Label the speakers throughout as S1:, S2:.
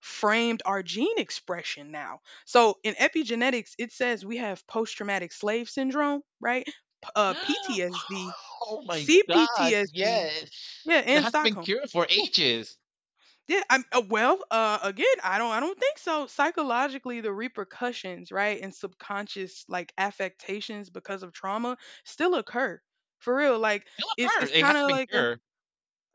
S1: Framed our gene expression now. So in epigenetics, it says we have post traumatic slave syndrome, right? PTSD,
S2: Oh my god,
S1: CPTSD,
S2: yes.
S1: yeah,
S2: That
S1: and
S2: has not been
S1: Stockholm.
S2: cured for ages.
S1: Yeah, I'm well. Again, I don't think so. Psychologically, the repercussions, right, and subconscious like affectations because of trauma still occur. For real, like
S2: Still
S1: it's
S2: occurs.
S1: it's
S2: It
S1: kind
S2: hasn't
S1: of
S2: been
S1: like.
S2: cured.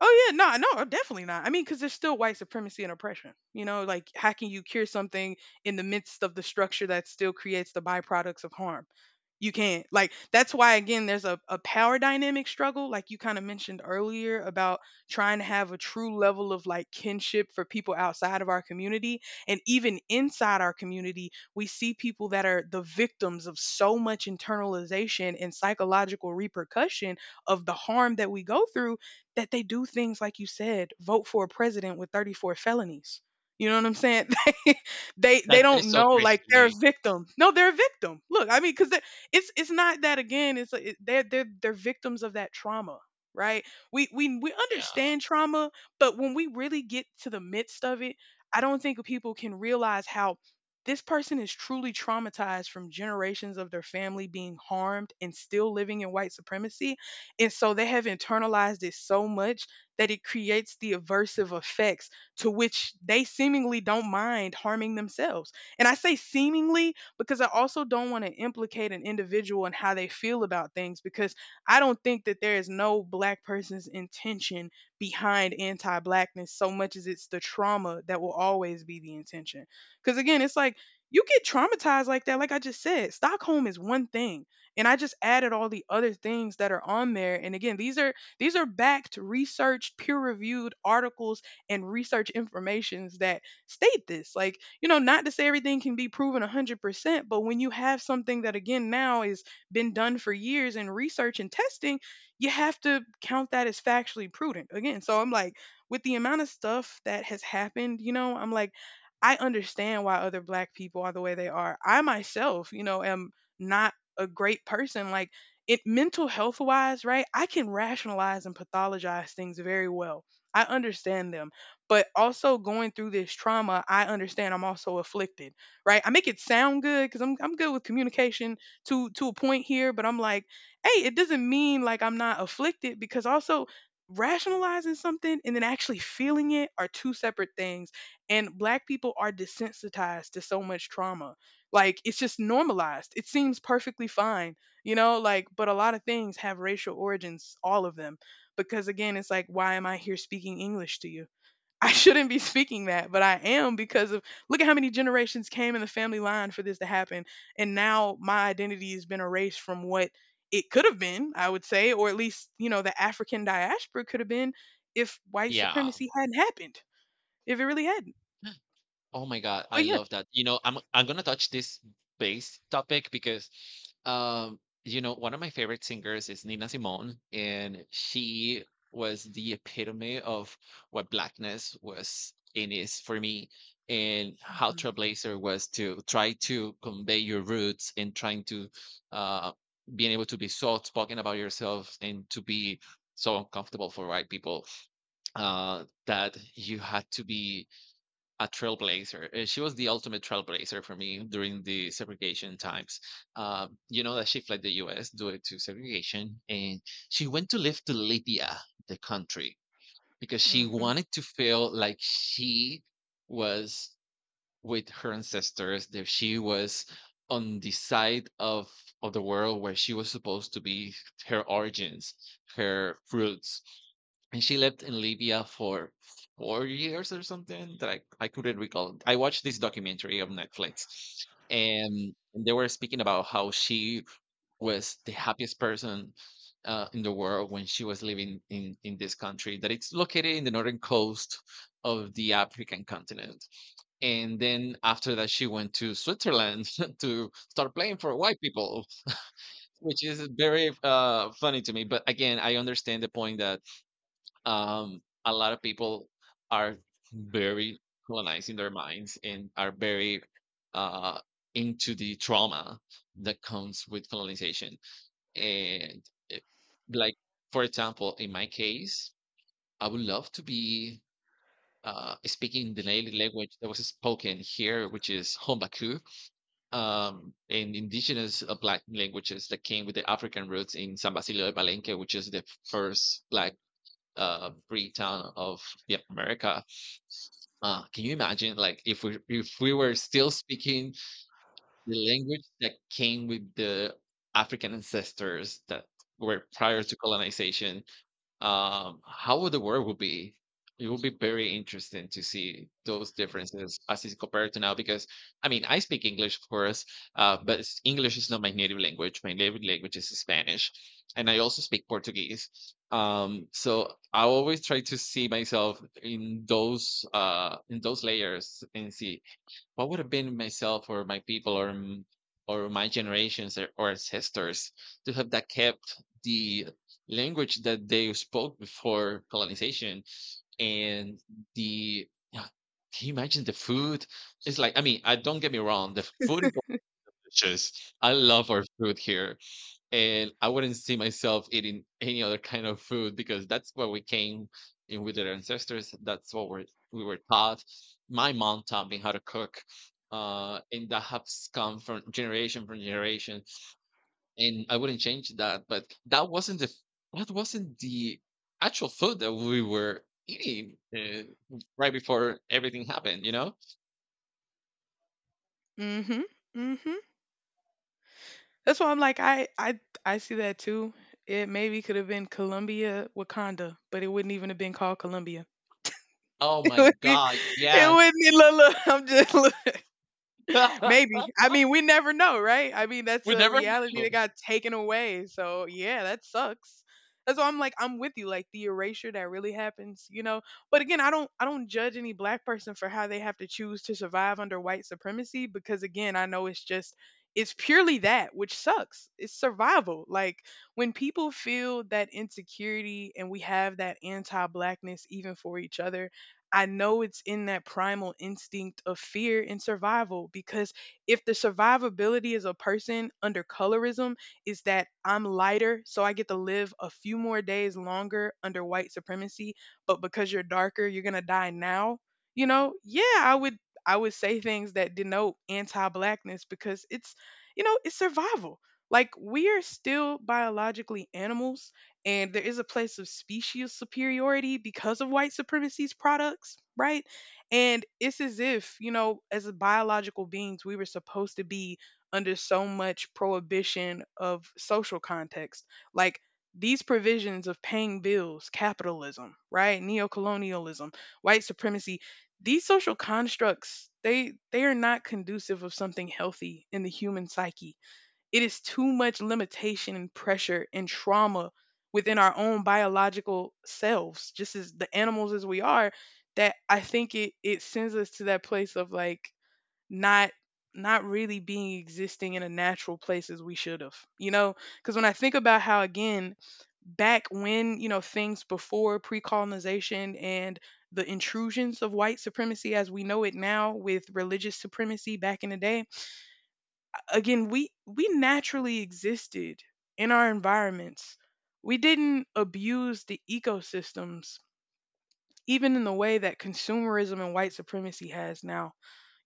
S1: Oh yeah, no, no, definitely not. I mean, because there's still white supremacy and oppression. You know, like how can you cure something in the midst of the structure that still creates the byproducts of harm? You can't. Like that's why again, there's a power dynamic struggle, like you kind of mentioned earlier about trying to have a true level of like kinship for people outside of our community. And even inside our community, we see people that are the victims of so much internalization and psychological repercussion of the harm that we go through that they do things like you said, vote for a president with 34 felonies. You know what I'm saying? They
S2: That is
S1: don't
S2: so
S1: know
S2: crazy
S1: like
S2: to
S1: they're a
S2: me.
S1: victim. No, they're a victim. Look, I mean, because it's not that again. It's it, they're victims of that trauma, right? We
S2: Yeah.
S1: understand trauma, but when we really get to the midst of it, I don't think people can realize how this person is truly traumatized from generations of their family being harmed and still living in white supremacy, and so they have internalized it so much that it creates the aversive effects to which they seemingly don't mind harming themselves. And I say seemingly because I also don't want to implicate an individual and how they feel about things, because I don't think that there is no black person's intention behind anti blackness so much as it's the trauma that will always be the intention. Because again, it's like you get traumatized like that, like I just said, Stockholm is one thing, and I just added all the other things that are on there. And again, these are, these are backed researched peer reviewed articles and research informations that state this, like, you know, not to say everything can be proven 100%, but when you have something that again now is been done for years in research and testing, you have to count that as factually prudent. Again, so I'm like, with the amount of stuff that has happened, you know, I'm like, I understand why other black people are the way they are. I myself, you know, am not a great person, like it mental health wise, right? I can rationalize and pathologize things very well. I understand them, but also going through this trauma I understand I'm also afflicted, right? I make it sound good because I'm good with communication to a point here, but I'm like, hey, it doesn't mean like I'm not afflicted, because also rationalizing something and then actually feeling it are two separate things. And black people are desensitized to so much trauma, like it's just normalized. It seems perfectly fine, you know, like, but a lot of things have racial origins, all of them. Because again, it's like, why am I here speaking English to you? I shouldn't be speaking that, but I am because of, look at how many generations came in the family line for this to happen, and now my identity has been erased from what it could have been, I would say, or at least, you know, the African diaspora could have been if white
S2: Yeah.
S1: supremacy hadn't happened, if it really hadn't.
S2: Oh my god, I
S1: But yeah.
S2: love that. I'm gonna touch this base topic because you know, one of my favorite singers is Nina Simone, and she was the epitome of what blackness was in is for me and how
S1: Mhm.
S2: Trailblazer was to try to convey your roots and trying to uh being able to be so outspoken about yourself and to be so uncomfortable for white people that you had to be a trailblazer. She was the ultimate trailblazer for me during the segregation times. You know that she fled the U.S. due to segregation, and she went to live to Libya, the country, because she
S1: Mhm.
S2: wanted to feel like she was with her ancestors, that she was on the side of the world where she was supposed to be, her origins, her roots. And she lived in Libya for 4 years or something that I couldn't recall. I watched this documentary on Netflix, and they were speaking about how she was the happiest person in the world when she was living in this country that it's located in the northern coast of the African continent. And then after that, she went to Switzerland to start playing for white people, which is very funny to me. But again, I understand the point that a lot of people are very colonized in their minds and are very uh, into the trauma that comes with colonization. And it, like, for example, in my case, I would love to be speaking the native language that was spoken here, which is Hombaku, and indigenous black languages that came with the African roots in San Basilio de Palenque, which is the first black free town of, yeah, America. Can you imagine, like, if we were still speaking the language that came with the African ancestors that were prior to colonization? How would the world will be? It will be very interesting to see those differences as is compared to now. Because I mean, I speak English, of course, but English is not my native language. My native language is Spanish, and I also speak Portuguese. So I always try to see myself in those layers and see what would have been myself or my people or or my generations or ancestors to have that kept the language that they spoke before colonization. And the, yeah, can you imagine the food? It's like, I mean, I don't get me wrong, the food is delicious. I love our food here, and I wouldn't see myself eating any other kind of food because that's what we came in with our ancestors. We were taught. My mom taught me how to cook, and that has come from generation from generation. And I wouldn't change that. But that wasn't the actual food that we were eating right before everything happened. You know?
S1: Mhm. Mhm. That's why I'm like, I see that too. It maybe could have been Columbia Wakanda, but it wouldn't even have been called Columbia.
S2: Oh
S1: It
S2: my
S1: wouldn't.
S2: god!
S1: It
S2: Yes,
S1: wouldn't. Look, look, I'm just look. Maybe. I mean, we never know, right? I mean, that's
S2: we
S1: a
S2: never
S1: reality that
S2: know.
S1: got taken away. So, yeah, that sucks. That's why I'm like, I'm with you, like the erasure that really happens, you know. But again, I don't judge any black person for how they have to choose to survive under white supremacy, because again, I know it's just, it's purely that, which sucks. It's survival. Like when people feel that insecurity and we have that anti-blackness even for each other, I know it's in that primal instinct of fear and survival, because if the survivability as a person under colorism is that I'm lighter, so I get to live a few more days longer under white supremacy, but because you're darker, you're going to die now, you know? Yeah, I would say things that denote anti-blackness, because it's, you know, it's survival. Like we are still biologically animals, and there is a place of species superiority because of white supremacy's products, right? And it's as if, you know, as biological beings, we were supposed to be under so much prohibition of social context. Like these provisions of paying bills, capitalism, right? Neocolonialism, white supremacy, these social constructs, they are not conducive of something healthy in the human psyche. It is too much limitation and pressure and trauma within our own biological selves, just as the animals as we are, that I think it sends us to that place of like not, not really being existing in a natural place as we should have. You know, because when I think about how, again, back when, you know, things before pre-colonization and the intrusions of white supremacy as we know it now with religious supremacy back in the day, again, we naturally existed in our environments. We didn't abuse the ecosystems, even in the way that consumerism and white supremacy has now.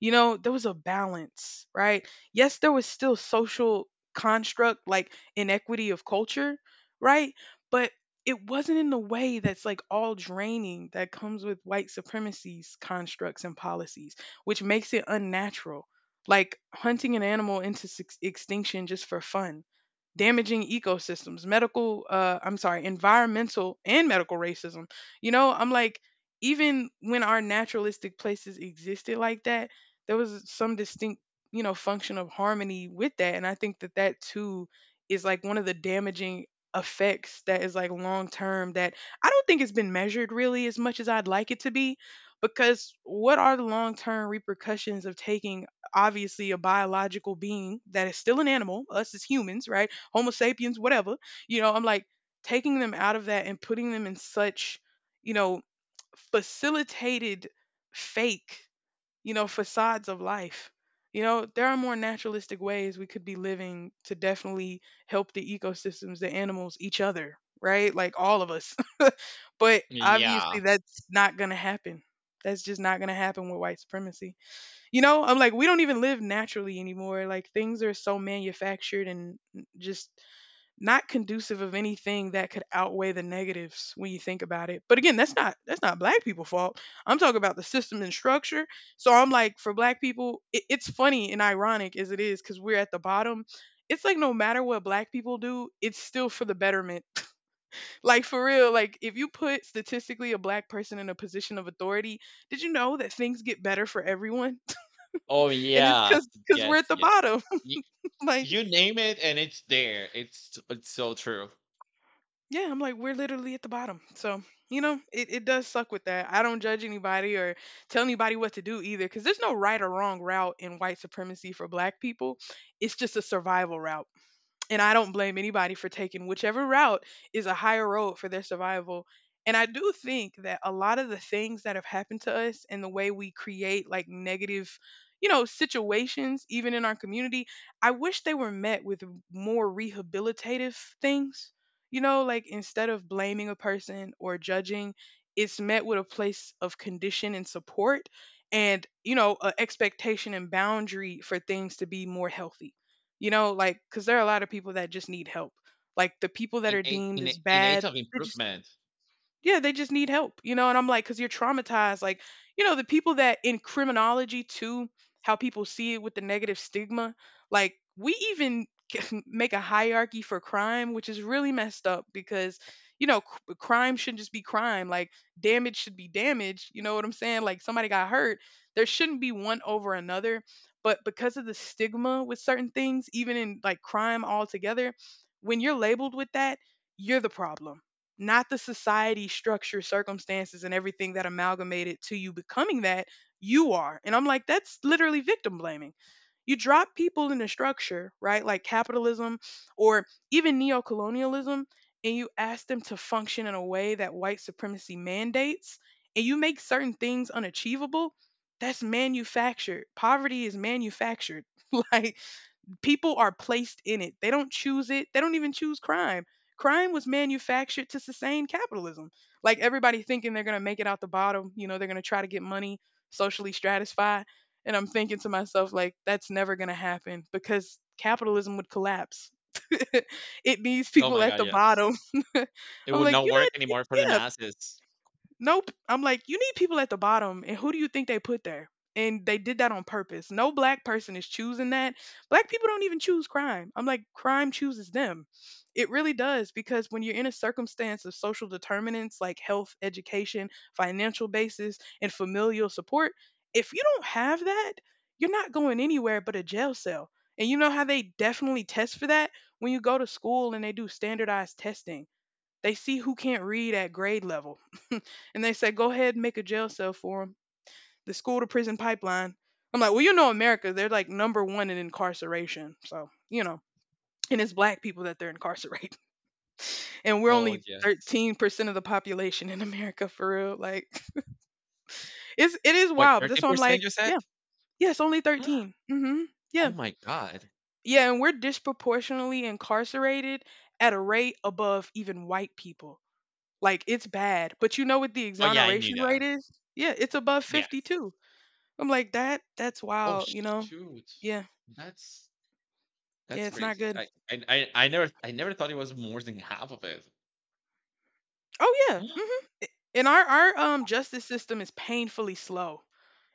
S1: You know, there was a balance, right? Yes, there was still social construct like inequity of culture, right? But it wasn't in the way that's like all draining that comes with white supremacy's constructs and policies, which makes it unnatural. Like hunting an animal into six extinction just for fun, damaging ecosystems, medical, I'm sorry, environmental and medical racism, you know, I'm like, even when our naturalistic places existed like that, there was some distinct, you know, function of harmony with that. And I think that that too is like one of the damaging effects that is like long term, that I don't think it's been measured really as much as I'd like it to be. Because what are the long term repercussions of taking obviously a biological being that is still an animal, us as humans, right? Homo sapiens, whatever, you know, I'm like taking them out of that and putting them in such, you know, facilitated fake, you know, facades of life. You know, there are more naturalistic ways we could be living to definitely help the ecosystems, the animals, each other, right? Like all of us. But
S2: Yeah.
S1: obviously, that's not going to happen. That's just not going to happen with white supremacy. You know, I'm like, we don't even live naturally anymore. Like things are so manufactured and just not conducive of anything that could outweigh the negatives when you think about it. But again, that's not black people fault. I'm talking about the system and structure. So I'm like, for black people, it's funny and ironic as it is, cuz we're at the bottom. It's like no matter what black people do, it's still for the betterment. Like for real, like if you put statistically a black person in a position of authority, did you know that things get better for everyone?
S2: Oh,
S1: And it's
S2: yes.
S1: cuz we're
S2: Yes,
S1: at the
S2: yes.
S1: bottom.
S2: Y
S1: Like
S2: you name it, and it's there. It's so true.
S1: yeah, I'm like, we're literally at the bottom. So, you know, it does suck with that. I don't judge anybody or tell anybody what to do either, because there's no right or wrong route in white supremacy for black people. It's just a survival route. And I don't blame anybody for taking whichever route is a higher road for their survival. And I do think that a lot of the things that have happened to us and the way we create like negative, you know, situations, even in our community, I wish they were met with more rehabilitative things. You know, like instead of blaming a person or judging, it's met with a place of condition and support and, you know, a expectation and boundary for things to be more healthy. You know, like, because there are a lot of people that just need help. Like, the people that
S2: In
S1: are
S2: Innate
S1: deemed
S2: in
S1: as
S2: in age
S1: bad,
S2: of
S1: they just
S2: improvement.
S1: yeah, they just need help, you know? And I'm like, because you're traumatized. Like, you know, the people that in criminology, too, how people see it with the negative stigma, like, we even make a hierarchy for crime, which is really messed up because, you know, crime shouldn't just be crime. Like, damage should be damage. You know what I'm saying? Like, somebody got hurt. There shouldn't be one over another. But because of the stigma with certain things, even in like crime altogether, when you're labeled with that, you're the problem, not the society structure circumstances and everything that amalgamated to you becoming that you are. And I'm like, that's literally victim blaming. You drop people in a structure, right? Like capitalism or even neocolonialism, and you ask them to function in a way that white supremacy mandates, and you make certain things unachievable. That's manufactured. Poverty is manufactured. Like, people are placed in it. They don't choose it. They don't even choose crime. Crime was manufactured to sustain capitalism. Like everybody thinking they're going to make it out the bottom, you know, they're going to try to get money, socially stratify. And I'm thinking to myself, like, that's never going to happen because capitalism would collapse. It needs
S2: Oh
S1: people
S2: my
S1: at
S2: god,
S1: the
S2: yes.
S1: bottom.
S2: It
S1: I'm
S2: would
S1: like,
S2: not
S1: you
S2: work
S1: know,
S2: anymore for the
S1: yeah.
S2: masses.
S1: Nope. I'm like, you need people at the bottom, and who do you think they put there? And they did that on purpose. No black person is choosing that. Black people don't even choose crime. I'm like, crime chooses them. It really does, because when you're in a circumstance of social determinants like health, education, financial basis, and familial support, if you don't have that, you're not going anywhere but a jail cell. And you know how they definitely test for that? When you go to school and they do standardized testing, they see who can't read at grade level, and they said, go ahead and make a jail cell for them. The school to prison pipeline. I'm like, well, you know, America, they're like number one in incarceration. So, you know, and it's black people that they're incarcerating. And we're
S2: Oh,
S1: only
S2: yes.
S1: 13% of the population in America, for real. Like, it's, it is
S2: Wait,
S1: wild, but that's why I'm
S2: 13%
S1: like,
S2: you said?
S1: yeah, yeah, it's only 13. Mm-hmm.
S2: Oh
S1: Yeah.
S2: my god.
S1: Yeah. And we're disproportionately incarcerated at a rate above even white people. Like, it's bad. But you know what the
S2: Oh, yeah, I knew
S1: exoneration rate
S2: that.
S1: is? Yeah, it's above
S2: Yes.
S1: 52. I'm like, that that's
S2: Oh,
S1: wild, you know?
S2: shoot.
S1: Yeah.
S2: That's
S1: Yeah,
S2: that's
S1: it's not
S2: crazy.
S1: good.
S2: I never I never thought it was more than half of it.
S1: Oh yeah. Mhm. And our justice system is painfully slow.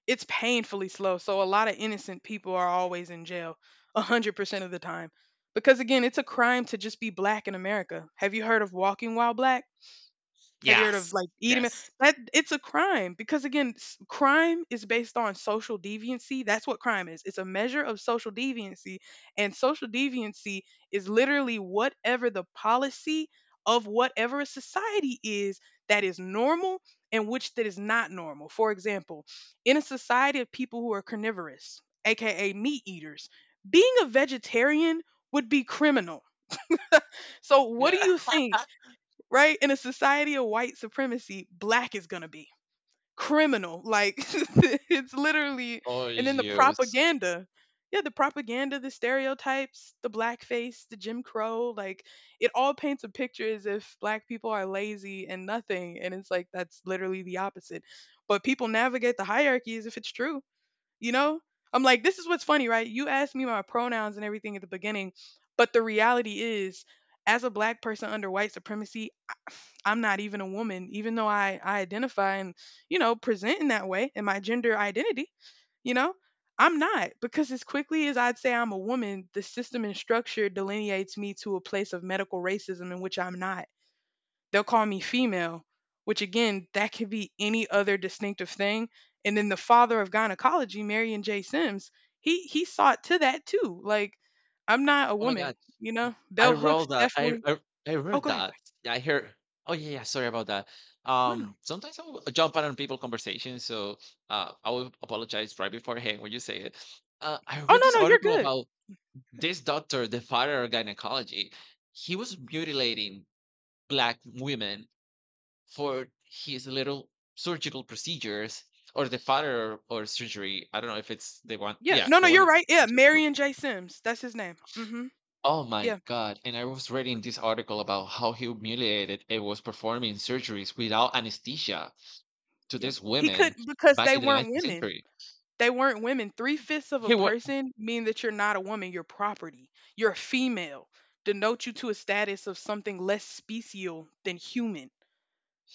S1: It's painfully slow. So a lot of innocent people are always in jail a 100% of the time. Because again, it's a crime to just be black in America. Have you heard of walking while black? Have you heard of
S2: Yes.
S1: like eating?
S2: Yes.
S1: That it's a crime, because again, crime is based on social deviancy. That's what crime is. It's a measure of social deviancy, and social deviancy is literally whatever the policy of whatever a society is that is normal and which that is not normal. For example, in a society of people who are carnivorous, aka meat eaters, being a vegetarian would be criminal. So, what do you think? Right? In a society of white supremacy, black is gonna be criminal. Like, it's literally,
S2: Oh,
S1: and then the
S2: yes.
S1: propaganda. Yeah, the propaganda, the stereotypes, the blackface, the Jim Crow, like it all paints a picture as if black people are lazy and nothing. And it's like, that's literally the opposite. But people navigate the hierarchy as if it's true, you know? I'm like, this is what's funny, right? You asked me my pronouns and everything at the beginning, but the reality is, as a black person under white supremacy, I'm not even a woman, even though I identify and, you know, present in that way in my gender identity, you know, I'm not. Because as quickly as I'd say I'm a woman, the system and structure delineates me to a place of medical racism in which I'm not. They'll call me female, which again, that could be any other distinctive thing. And then the father of gynecology, Marion J. Sims, he sought to that too. Like, I'm not a
S2: Oh my
S1: woman,
S2: god.
S1: you
S2: Y
S1: know?
S2: I
S1: Bell
S2: roll
S1: Hooks
S2: that. I
S1: definitely.
S2: I I
S1: Oh,
S2: heard
S1: go ahead.
S2: that. Yeah, I hear. Oh, yeah, yeah, sorry about that.
S1: Go ahead. No, no. No.
S2: Sometimes I will jump out on people conversations, so, I will apologize right beforehand when you say it. I
S1: Oh,
S2: read this
S1: no, no,
S2: article
S1: you're good.
S2: about this doctor, the father of gynecology. He was mutilating black women for his little surgical procedures or the father or surgery. I don't know if it's the one,
S1: Yeah,
S2: yeah,
S1: no,
S2: the
S1: no,
S2: one
S1: you're
S2: that.
S1: right. Yeah, Marion J. Sims, that's his name. Mm. Mhm.
S2: Oh my
S1: Yeah,
S2: God. And I was reading this article about how he humiliated and was performing surgeries without anesthesia to
S1: yep.
S2: these
S1: He
S2: women
S1: couldn't because
S2: back
S1: they
S2: in the
S1: weren't
S2: 19th
S1: women.
S2: century.
S1: They weren't women. three fifths of a
S2: He would,
S1: person mean that you're not a woman, you're property. You're a female. Denote you to a status of something less special than human.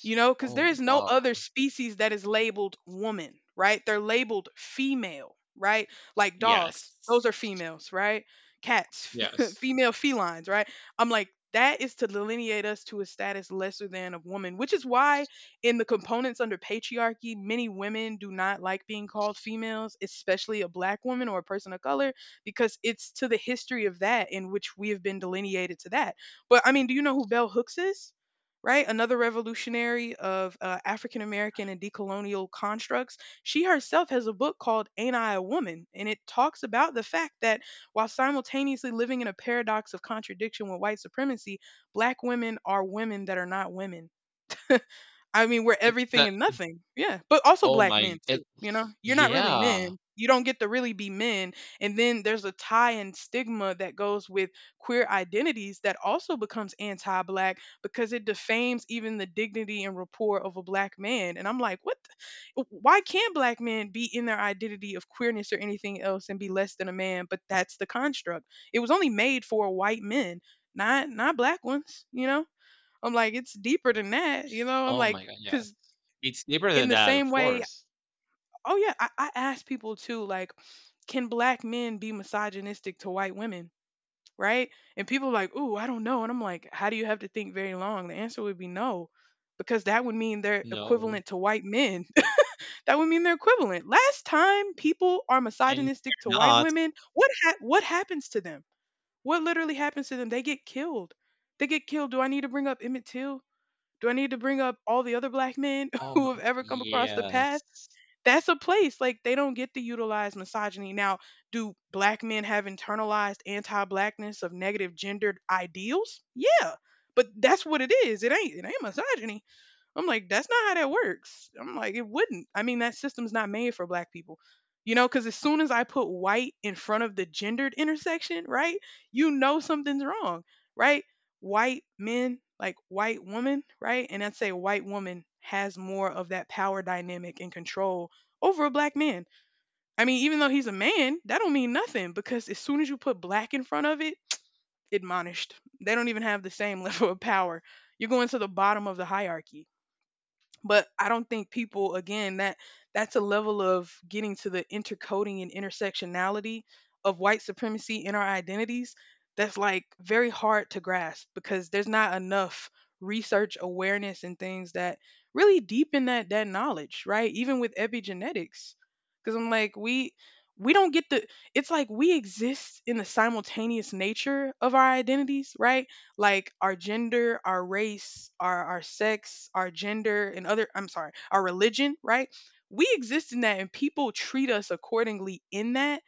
S1: You know, because there
S2: oh
S1: is no
S2: wow.
S1: other species that is labeled woman, right? They're labeled female, right? Like dogs,
S2: Yes.
S1: those are females, right? Cats,
S2: Yes.
S1: female felines, right? I'm like, that is to delineate us to a status lesser than of woman, which is why in the components under patriarchy many women do not like being called females, especially a black woman or a person of color, because it's to the history of that in which we have been delineated to that. But I mean, do you know who Bell Hooks is? Right? Another revolutionary of African American and decolonial constructs. She herself has a book called Ain't I a Woman? And it talks about the fact that while simultaneously living in a paradox of contradiction with white supremacy, black women are women that are not women. I mean, we're
S2: And
S1: everything
S2: that,
S1: and nothing. Yeah. But also
S2: oh
S1: black
S2: my,
S1: men too,
S2: it,
S1: you know? You're not really
S2: yeah.
S1: men. You don't get to really be men. And then there's a tie and stigma that goes with queer identities that also becomes anti-black because it defames even the dignity and rapport of a black man. And I'm like, what? Why can't black men be in their identity of queerness or anything else and be less than a man? But that's the construct. It was only made for white men, not black ones, you know? I'm like, it's deeper than that, you know? I'm
S2: Oh
S1: like,
S2: my God. Yes.
S1: because
S2: It's deeper than
S1: in the
S2: that,
S1: same
S2: of
S1: way,
S2: course.
S1: oh yeah, I ask people too, like, can black men be misogynistic to white women? Right? And people are like, ooh, I don't know. And I'm like, how do you have to think very long? The answer would be no, because that would mean they're
S2: No.
S1: equivalent to white men. That would mean they're equivalent. Last time people are
S2: And you're
S1: misogynistic to white
S2: not.
S1: women, what what happens to them? What literally happens to them? They get killed. They get killed. Do I need to bring up Emmett Till? Do I need to bring up all the other black men
S2: Oh my,
S1: who have ever come across the
S2: yes.
S1: path? That's a place like they don't get to utilize misogyny. Now, do black men have internalized anti-blackness of negative gendered ideals? Yeah, but that's what it is. It ain't misogyny. I'm like, that's not how that works. I'm like, it wouldn't. I mean, that system's not made for black people. You know, because as soon as I put white in front of the gendered intersection, right, you know something's wrong, right? White men, like white woman, right? And I'd say white woman has more of that power dynamic and control over a black man. I mean, even though he's a man, that don't mean nothing, because as soon as you put black in front of it, admonished. They don't even have the same level of power. You're going to the bottom of the hierarchy. But I don't think people, again, that's a level of getting to the intercoding and intersectionality of white supremacy in our identities that's like very hard to grasp because there's not enough research awareness and things that really deepen that knowledge, right? Even with epigenetics, because I'm like, we don't get the, it's like we exist in the simultaneous nature of our identities, right? Like our gender, our race, our sex, our gender and other, I'm sorry, our religion, right? We exist in that and people treat us accordingly in that,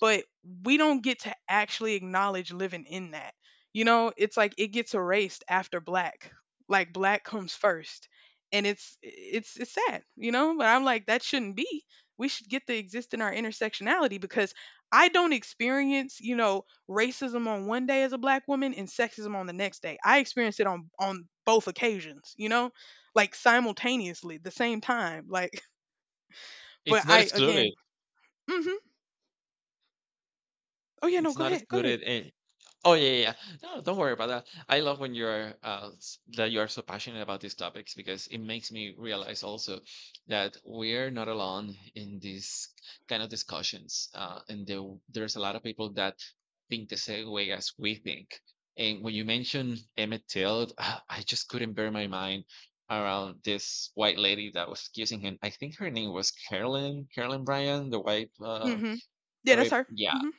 S1: but we don't get to actually acknowledge living in that. You know, it's like it gets erased after black. Like black comes first. And it's sad, you know? But I'm like, that shouldn't be. We should get to exist in our intersectionality because I don't experience, you know, racism on one day as a black woman and sexism on the next day. I experienced it on both occasions, you know? Like simultaneously, the same time. Like,
S2: It's
S1: but
S2: not
S1: I
S2: excluded.
S1: again, mhm. Oh yeah, no,
S2: It's
S1: go
S2: not
S1: ahead. Go ahead.
S2: excluded, and. Oh, yeah, yeah, yeah. No, don't worry about that. I love when you're that you are so passionate about these topics because it makes me realize also that we're not alone in these kind of discussions. And there's a lot of people that think the same way as we think. And when you mentioned Emmett Till, I just couldn't bear my mind around this white lady that was accusing him. I think her name was Carolyn Bryan, the white,
S1: Hmm. Yeah, that's
S2: very,
S1: her.
S2: yeah.
S1: Hmm.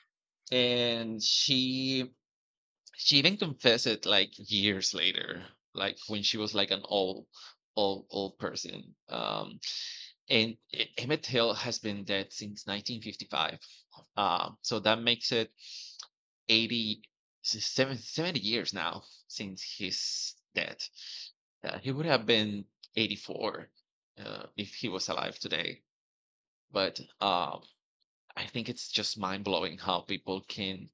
S2: And she even confessed it like years later, like when she was like an old old person. And Emmett Till has been dead since 1955, so that makes it 80 70 years now since he's dead. He would have been 84, if he was alive today. But I think it's just mind-blowing how people can,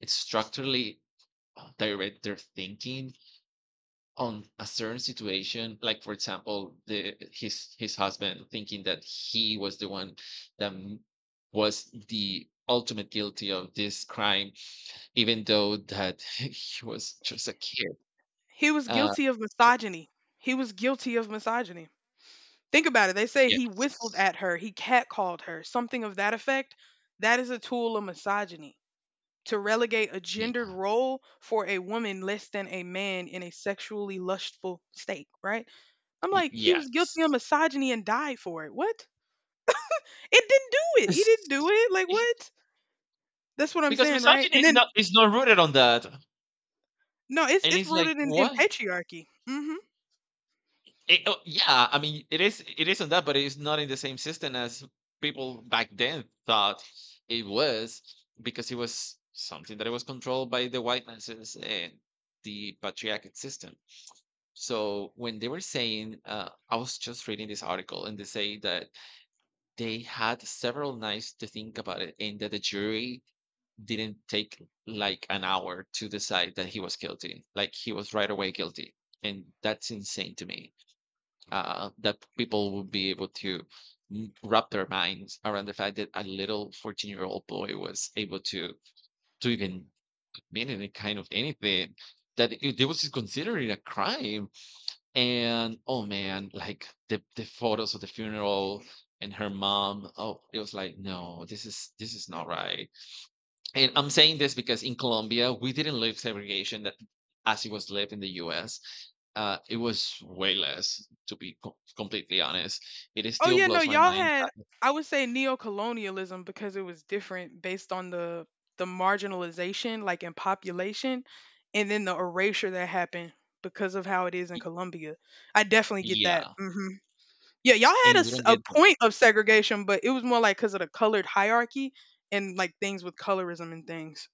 S2: it's structurally direct their thinking on a certain situation, like for example the, his husband thinking that he was the one that m- was the ultimate guilty of this crime, even though that he was just a kid.
S1: He was
S2: uh
S1: guilty of misogyny. He was guilty of misogyny. Think about it. They say he whistled
S2: yes.
S1: at her, he catcalled her, something of that effect. That is a tool of misogyny. To relegate a
S2: y-
S1: gendered role for a woman less than a man in a sexually lustful state, right? I'm
S2: Y-
S1: like, he was
S2: yes.
S1: guilty of misogyny and died for it. What? It didn't do it. He didn't do it. Like what? That's what I'm
S2: Because
S1: saying, right?
S2: misogyny
S1: And then
S2: is not rooted on that.
S1: no, it's
S2: And
S1: it's
S2: it's like
S1: rooted in
S2: what.
S1: patriarchy. Hmm.
S2: It, oh, yeah, I mean, it is it isn't that, but it's not in the same system as people back then thought it was, because it was something that it was controlled by the white masses and the patriarchate system. So when they were saying, I was just reading this article, and they say that they had several nights to think about it, and that the jury didn't take like an hour to decide that he was guilty. Like he was right away guilty. And that's insane to me, that people would be able to wrap their minds around the fact that a little 14-year-old boy was able to even mean any kind of anything that it was considered a crime. And oh man, like the photos of the funeral and her mom, oh it was like, no, this is this is not right. And I'm saying this because in Colombia we didn't live segregation that, as it was lived in the U.S. It was way less, to be completely honest. It
S1: Oh
S2: still
S1: yeah, no,
S2: blows my
S1: y'all
S2: mind.
S1: had I would say neo-colonialism because it was different based on the marginalization like in population and then the erasure that happened because of how it is in
S2: Y-
S1: Colombia. I definitely get that.
S2: Yeah,
S1: Hmm. Yeah, y'all had a,
S2: and we don't
S1: a
S2: get this.
S1: point of segregation, but it was more like because of the colored hierarchy and like things with colorism and things.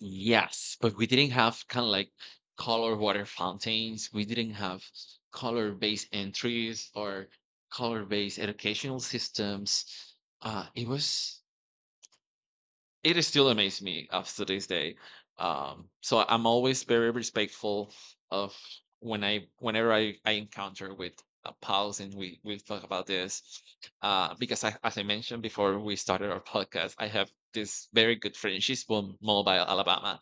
S2: Yes, but we didn't have kind of like color water fountains. We didn't have color-based entries or color-based educational systems. It was. It is still amazes me up to this day. So I'm always very respectful of whenever I encounter with a pause and we talk about this because I, as I mentioned before we started our podcast, I have this very good friend. She's from Mobile, Alabama,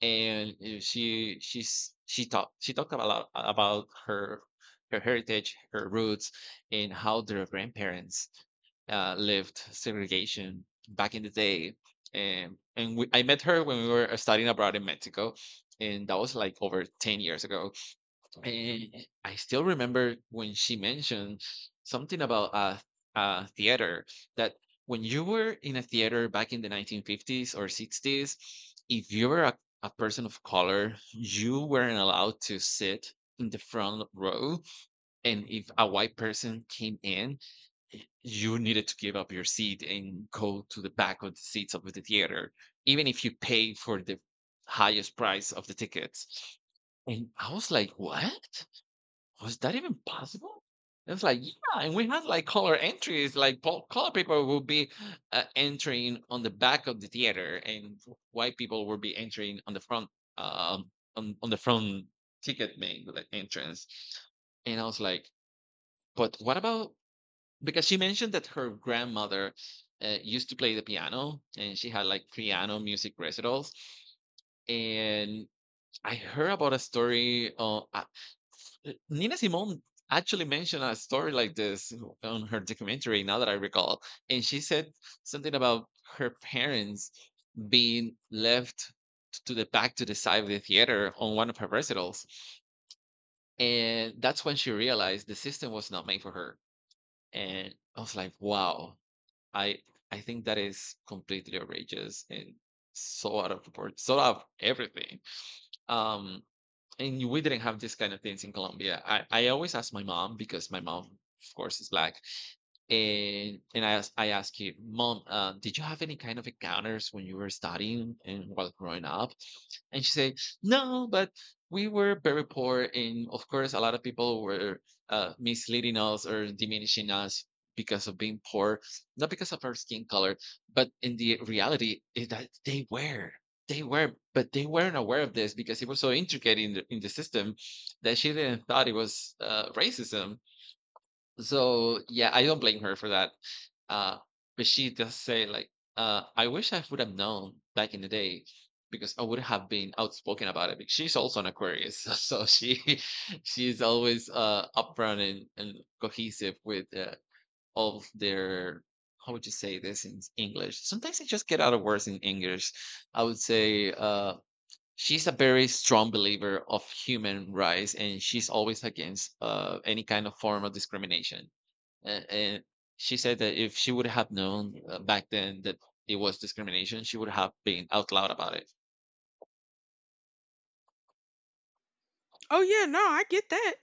S2: and she talked about a lot about her, her heritage, her roots, and how their grandparents lived segregation back in the day. And we, I met her when we were studying abroad in Mexico, and that was like over 10 years ago. And I still remember when she mentioned something about theater that when you were in a theater back in the 1950s or 60s, if you were a person of color, you weren't allowed to sit in the front row, and if a white person came in, you needed to give up your seat and go to the back of the seats of the theater, even if you pay for the highest price of the tickets. And I was like, what? Was that even possible? It was like, yeah, and we had like color entries, like color people would be entering on the back of the theater, and white people would be entering on the front, on the front ticket main like entrance. And I was like, but what about, because she mentioned that her grandmother used to play the piano and she had like piano music recitals. And I heard about a story Nina Simone actually mentioned a story like this on her documentary, now that I recall. And she said something about her parents being left to the back, to the side of the theater on one of her recitals, and that's when she realized the system was not made for her. And I was like, wow, I I think that is completely outrageous and so out of proportion, so out of everything. Um, and we didn't have this kind of things in Colombia. I always ask my mom because my mom, of course, is black, and I ask you, Mom, did you have any kind of encounters when you were studying and while growing up? And she said, no, but we were very poor, and of course, a lot of people were misleading us or diminishing us because of being poor, not because of our skin color, but in the reality is that they were. They were, but they weren't aware of this because it was so intricate in the system that she didn't thought it was racism. So, yeah, I don't blame her for that. Uh, but she does say like, I wish I would have known back in the day, because I would have been outspoken about it. Because she's also an Aquarius, so she she's always upfront and cohesive with all of their, how would you say this in English? Sometimes I just get out of words in English. I would say she's a very strong believer of human rights and she's always against any kind of form of discrimination, and she said that if she would have known back then that it was discrimination, she would have been out loud about it.
S1: Oh yeah, no, I get that.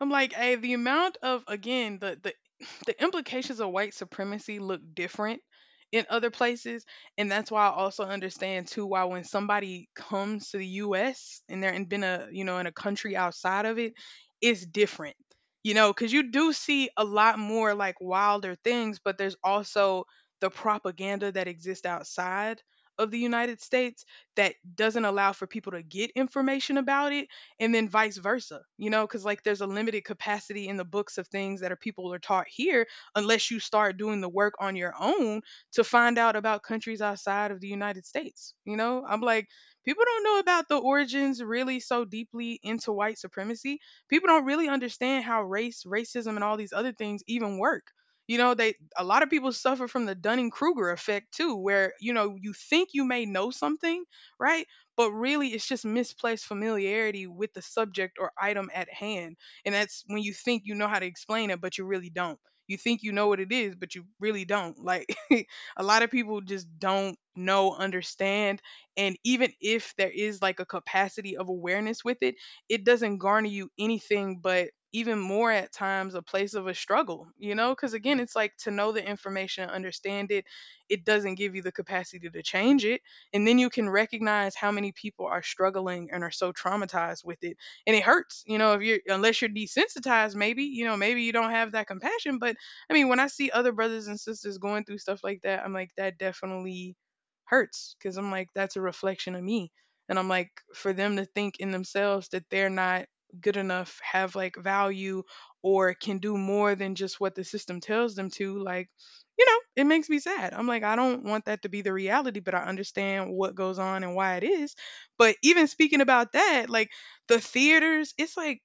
S1: I'm like, hey, the amount of again, the the implications of white supremacy look different in other places, and that's why I also understand too why when somebody comes to the U.S. and they're in been a you know in a country outside of it, it's different, you know, because you do see a lot more like wilder things, but there's also the propaganda that exists outside of the United States that doesn't allow for people to get information about it, and then vice versa, you know, because like there's a limited capacity in the books of things that are people are taught here unless you start doing the work on your own to find out about countries outside of the United States. You know, I'm like, people don't know about the origins really so deeply into white supremacy. People don't really understand how race racism and all these other things even work. You know, they a lot of people suffer from the Dunning-Kruger effect too, where you know you think you may know something, right? But really it's just misplaced familiarity with the subject or item at hand. And that's when you think you know how to explain it, but you really don't. You think you know what it is, but you really don't. Like a lot of people just don't know, understand. And even if there is like a capacity of awareness with it, it doesn't garner you anything but even more at times a place of a struggle, you know? Because again, it's like to know the information and understand it, it doesn't give you the capacity to change it, and then you can recognize how many people are struggling and are so traumatized with it. And it hurts, you know, if you're, unless you're desensitized, maybe, you know, maybe you don't have that compassion. But I mean, when I see other brothers and sisters going through stuff like that, I'm like, that definitely hurts because I'm like, that's a reflection of me. And I'm like, for them to think in themselves that they're not good enough, have like value, or can do more than just what the system tells them to, like, you know, it makes me sad. I'm like, I don't want that to be the reality, but I understand what goes on and why it is. But even speaking about that, like the theaters, it's like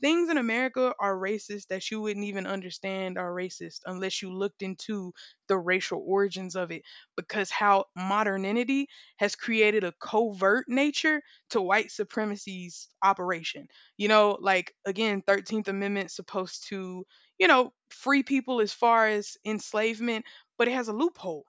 S1: things in America are racist that you wouldn't even understand are racist unless you looked into the racial origins of it, because how modernity has created a covert nature to white supremacy's operation. You know, like again, 13th Amendment supposed to, you know, free people as far as enslavement, but it has a loophole,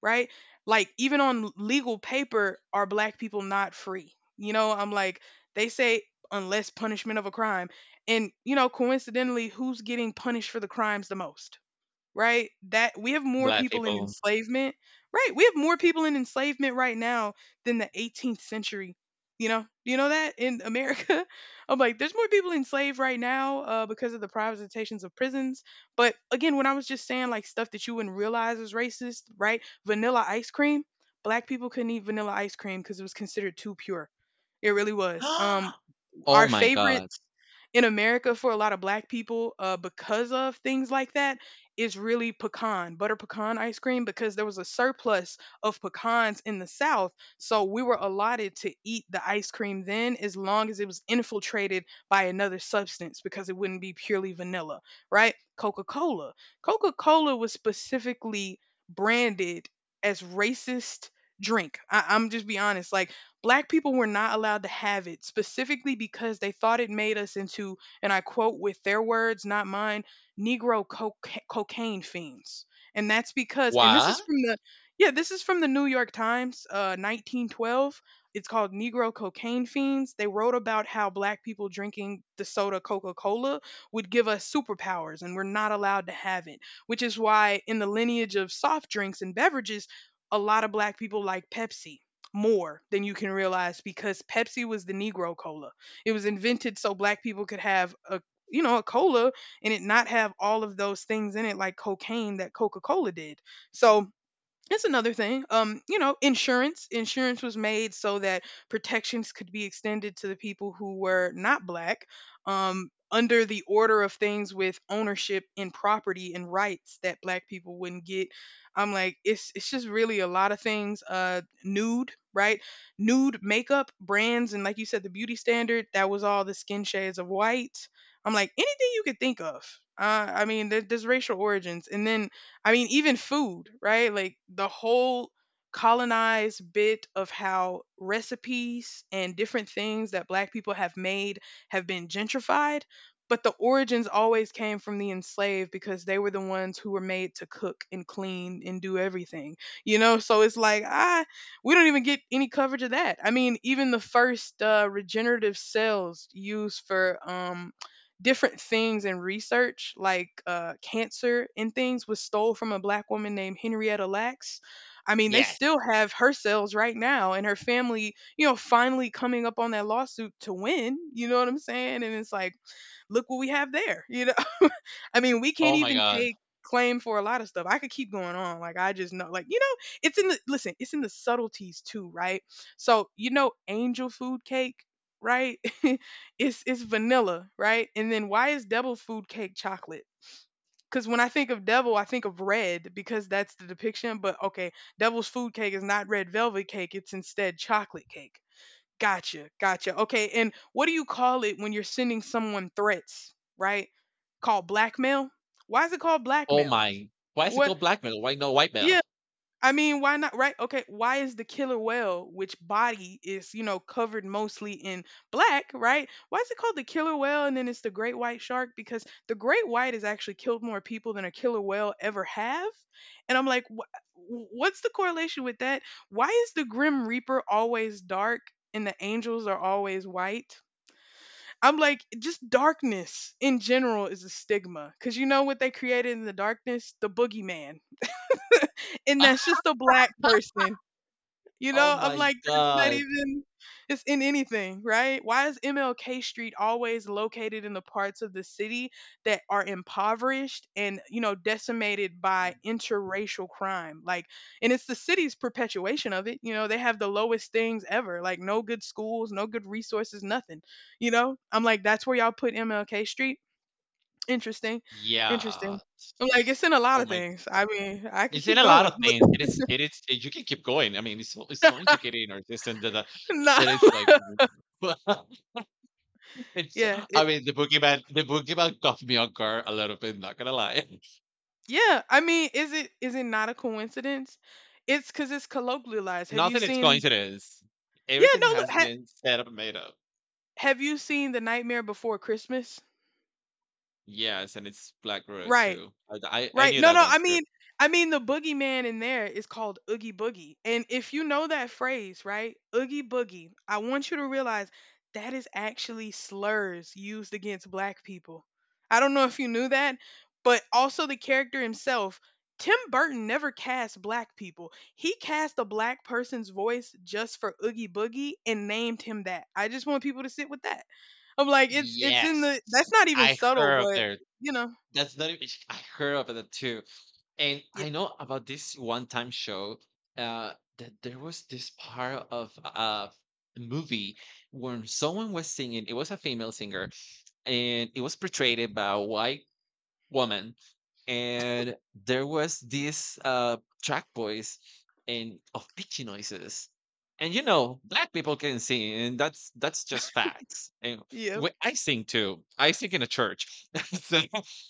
S1: right? Like even on legal paper are black people not free. You know, I'm like, they say unless punishment of a crime. And you know, coincidentally, who's getting punished for the crimes the most? Right? That we have more
S2: Black
S1: people in
S2: people.
S1: enslavement, right? We have more people in enslavement right now than the 18th century. You know, do you know that in America? I'm like, there's more people enslaved right now because of the privatizations of prisons. But again, when I was just saying like stuff that you wouldn't realize was racist, right? Vanilla ice cream, black people couldn't eat vanilla ice cream because it was considered too pure. It really was.
S2: Oh
S1: Our
S2: my god.
S1: favorites in America for a lot of black people because of things like that is really pecan, butter pecan ice cream, because there was a surplus of pecans in the South. So we were allotted to eat the ice cream then as long as it was infiltrated by another substance because it wouldn't be purely vanilla, right? Coca Cola. Coca Cola was specifically branded as racist drink. I'm just be honest. Like black people were not allowed to have it specifically because they thought it made us into, and I quote with their words, not mine, Negro cocaine fiends. And that's because, and this
S2: What?
S1: is from the, yeah, this is from the New York Times, 1912. It's called Negro Cocaine Fiends. They wrote about how black people drinking the soda Coca Cola would give us superpowers, and we're not allowed to have it, which is why in the lineage of soft drinks and beverages, a lot of black people like Pepsi more than you can realize because Pepsi was the Negro cola. It was invented so black people could have a, you know, a cola and it not have all of those things in it like cocaine that Coca-Cola did. So that's another thing. You know, insurance. Insurance was made so that protections could be extended to the people who were not black. Under the order of things with ownership and property and rights that black people wouldn't get. I'm like, it's just really a lot of things. Nude, right? Nude makeup brands and like you said, the beauty standard that was all the skin shades of white. I'm like, anything you could think of. I mean, there's racial origins, and then I mean, even food, right? Like the whole colonized bit of how recipes and different things that black people have made have been gentrified, but the origins always came from the enslaved because they were the ones who were made to cook and clean and do everything. You know, so it's like, ah, we don't even get any coverage of that. I mean, even the first regenerative cells used for different things in research, like cancer and things, was stole from a black woman named Henrietta Lacks. I mean, they
S2: Yes.
S1: still have her cells right now, and her family, you know, finally coming up on that lawsuit to win. You know what I'm saying? And it's like, look what we have there. You know. I mean, we can't
S2: Oh my
S1: even
S2: god.
S1: take claim for a lot of stuff. I could keep going on. Like I just know, like, you know, it's in the listen, it's in the subtleties too, right? So, you know, angel food cake, right? It's vanilla, right? And then why is devil food cake chocolate? Cuz when I think of devil, I think of red because that's the depiction, but okay, devil's food cake is not red velvet cake, it's instead chocolate cake. Gotcha, gotcha. Okay, and what do you call it when you're sending someone threats, right? Called blackmail? Why is it called
S2: Oh
S1: blackmail?
S2: my. Why is it
S1: What?
S2: called blackmail? Why no white male?
S1: Yeah, I mean, why not? Right? Okay. Why is the killer whale, which body is, you know, covered mostly in black, right? Why is it called the killer whale and then it's the great white shark? Because the great white has actually killed more people than a killer whale ever have. And I'm like, what's the correlation with that? Why is the grim reaper always dark and the angels are always white? I'm like, just darkness in general is a stigma. Cause you know what they created in the darkness? The boogeyman. And that's just a black person. You
S2: Oh
S1: know, I'm
S2: my
S1: like, that's not
S2: god.
S1: even, it's in anything, right? Why is MLK Street always located in the parts of the city that are impoverished and, you know, decimated by interracial crime? Like, and it's the city's perpetuation of it. You know, they have the lowest things ever, like no good schools, no good resources, nothing. You know, I'm like, that's where y'all put MLK Street? Interesting. Interesting.
S2: Yeah.
S1: I'm like, it's in a lot
S2: Oh
S1: of
S2: my
S1: things.
S2: goodness.
S1: I mean, I could
S2: It's in
S1: keep
S2: a lot
S1: going.
S2: of things. It is, you can keep going. I mean, it's so intricate in our system that
S1: Nah.
S2: that it's like it's,
S1: Yeah.
S2: I mean, the boogeyman caught me on guard a little bit, not gonna lie.
S1: Yeah, I mean, is it not a coincidence? It's because it's colloquialized. Have you
S2: Nothing is
S1: seen?
S2: coincidence.
S1: Yeah,
S2: Everything
S1: no.
S2: has
S1: Look, ha,
S2: been set up and made up.
S1: have you seen the Nightmare Before Christmas?
S2: Yes, and it's Black Widow
S1: Right.
S2: too. I
S1: Right.
S2: knew
S1: No,
S2: that
S1: no,
S2: one too.
S1: I mean the boogeyman in there is called Oogie Boogie. And if you know that phrase, right? Oogie Boogie, I want you to realize that is actually slurs used against black people. I don't know if you knew that, but also the character himself, Tim Burton never cast black people. He cast a black person's voice just for Oogie Boogie and named him that. I just want people to sit with that. I'm like, it's in
S2: Yes.
S1: the that's not even
S2: I
S1: subtle,
S2: heard of
S1: but
S2: there.
S1: you know,
S2: That's not even, I heard of that too. And
S1: yeah.
S2: I know about this one time show, that there was this part of a movie when someone was singing. It was a female singer, and it was portrayed by a white woman. And there was this track voice and of pitchy noises. And you know, black people can sing, and that's just facts. And
S1: Yeah.
S2: I sing too. I sing in a church, so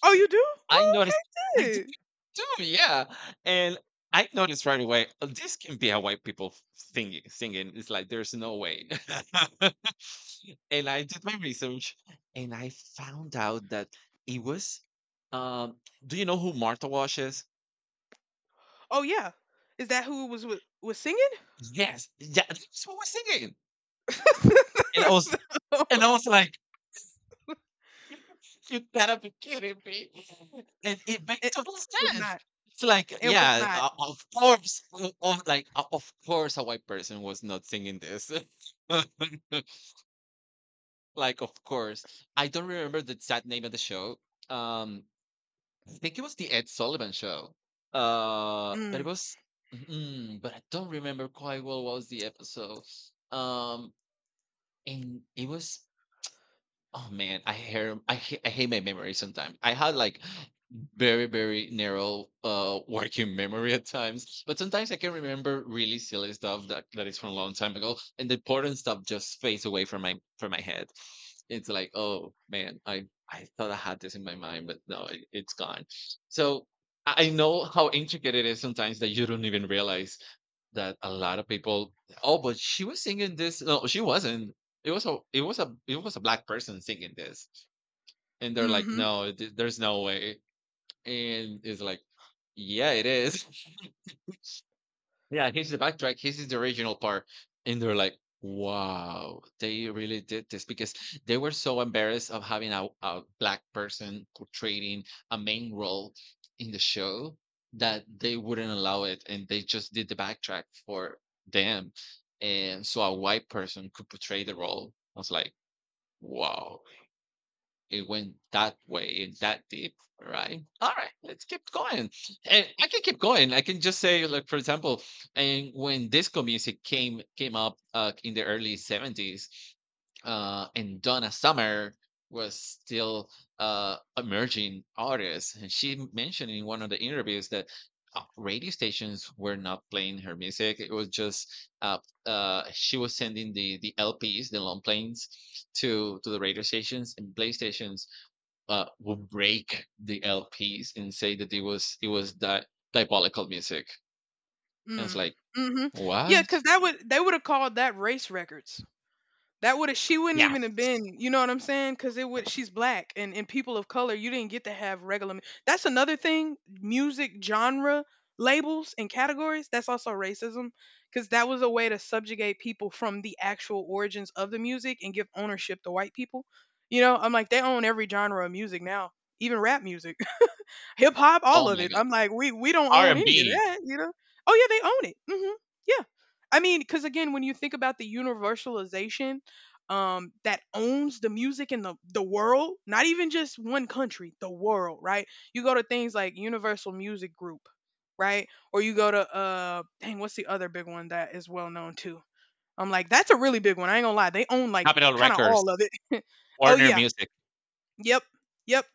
S1: Oh, you do?
S2: I
S1: Oh, okay,
S2: noticed. I
S1: good.
S2: yeah. And I noticed right away, "Oh, this can be a white people singing. It's like there's no way." And I did my research and I found out that it was um, do you know who Martha Wash is?
S1: Oh, yeah. Is that who was with, was singing?
S2: Yes. Yeah, that's who was singing. And I was,
S1: it,
S2: and I was like, you gotta be kidding me. It makes
S1: it
S2: total
S1: was
S2: sense.
S1: not.
S2: It's like,
S1: It was
S2: yeah,
S1: not.
S2: of course, of, like, of course, a white person was not singing this. Like, of course, I don't remember the exact name of the show. Um, I think it was the Ed Sullivan show. But it
S1: Mm,
S2: was, mm, but I don't remember quite well what was the episode. Um, and it was, oh man, I hear I hate my memory sometimes. I had like very very narrow working memory at times, but sometimes I can remember really silly stuff that is from a long time ago, and the important stuff just fades away from my head. It's like, oh man, I thought I had this in my mind, but no, it's gone. So I know how intricate it is sometimes that you don't even realize that a lot of people, "Oh, but she was singing this." No, she wasn't. It was a black person singing this, and they're like,
S1: mhm.
S2: "No, th there's no way," and it's like, "Yeah, it is." Yeah, here's the backtrack. This is the original part. And they're like, wow, they really did this because they were so embarrassed of having a black person portraying a main role in the show, that they wouldn't allow it. And they just did the backtrack for them. And so a white person could portray the role. I was like, wow, it went that way and that deep, right? All right, let's keep going. And I can keep going. I can just say, like for example, and when disco music came up in the early seventies, and Donna Summer was still emerging artist, and she mentioned in one of the interviews that. Radio stations were not playing her music. It was just uh, she was sending the LPs, the long planes, to the radio stations and playstations. Would break the LPs and say that it was that diabolical music. And it's
S1: Mm,
S2: like,
S1: Mm. Mhm.
S2: what?
S1: Because that would they would have called that race records. That would have she wouldn't even have been,
S2: Yes.
S1: you know what I'm saying? Because it would she's black and people of color, you didn't get to have regular. Mu- that's another thing. Music genre labels and categories. That's also racism because that was a way to subjugate people from the actual origins of the music and give ownership to white people. You know, I'm like they own every genre of music now, even rap music, hip hop,
S2: Oh
S1: all of
S2: my
S1: it.
S2: god!
S1: I'm like, we don't own any of
S2: R&B,
S1: that, you know? Oh yeah, they own it. Hmm. Yeah, I mean, because again, when you think about the universalization, that owns the music in the world, not even just one country, the world, right? You go to things like Universal Music Group, right? Or you go to dang, what's the other big one that is well known too? I'm like, that's a really big one. I ain't gonna lie, they own like
S2: Capitol
S1: kind of
S2: Records,
S1: all of it. Oh
S2: Warner
S1: yeah.
S2: Music,
S1: Yep. Yep.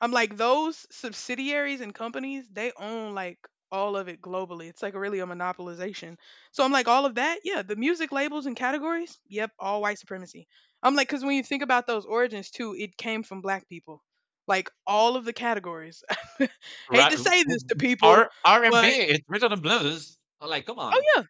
S1: I'm like those subsidiaries and companies, they own like all of it globally. It's like really a monopolization. So I'm like all of that, yeah, the music labels and categories, yep, all white supremacy. I'm like cuz when you think about those origins too, it came from black people. Like all of the categories. Hate to say this to people,
S2: R&B,
S1: but
S2: it's rhythm and blues. I'm like, come
S1: oh
S2: on.
S1: yeah.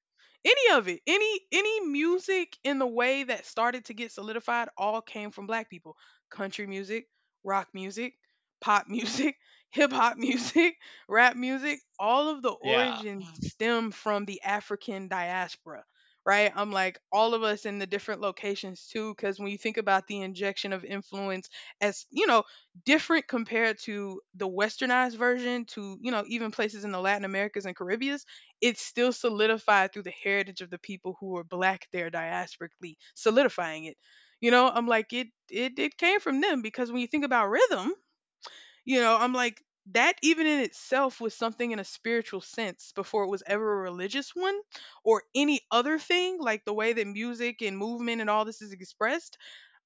S1: Any of it. Any music in the way that started to get solidified all came from black people. Country music, rock music, pop music, hip hop music, rap music, all of the
S2: Yeah.
S1: origins stem from the African diaspora. Right? I'm like all of us in the different locations too cuz when you think about the injection of influence as, you know, different compared to the westernized version to, you know, even places in the Latin Americas and Caribbean, it's still solidified through the heritage of the people who were black there diasporically, solidifying it. You know, I'm like it came from them because when you think about rhythm, you know, I'm like, that even in itself was something in a spiritual sense before it was ever a religious one or any other thing, like the way that music and movement and all this is expressed.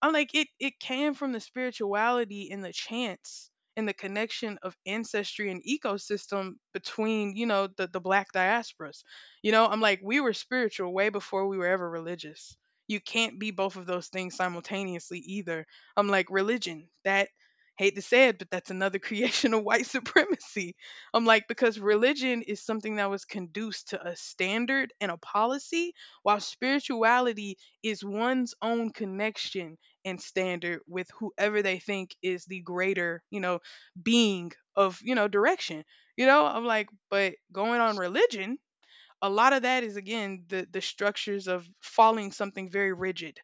S1: I'm like, it came from the spirituality and the chance and the connection of ancestry and ecosystem between, you know, the black diasporas. You know, I'm like, we were spiritual way before we were ever religious. You can't be both of those things simultaneously either. I'm like, religion, that, hate to say it, but that's another creation of white supremacy. I'm like, because religion is something that was conduced to a standard and a policy, while spirituality is one's own connection and standard with whoever they think is the greater, you know, being of, you know, direction. You know, I'm like, but going on religion, a lot of that is again the structures of following something very rigid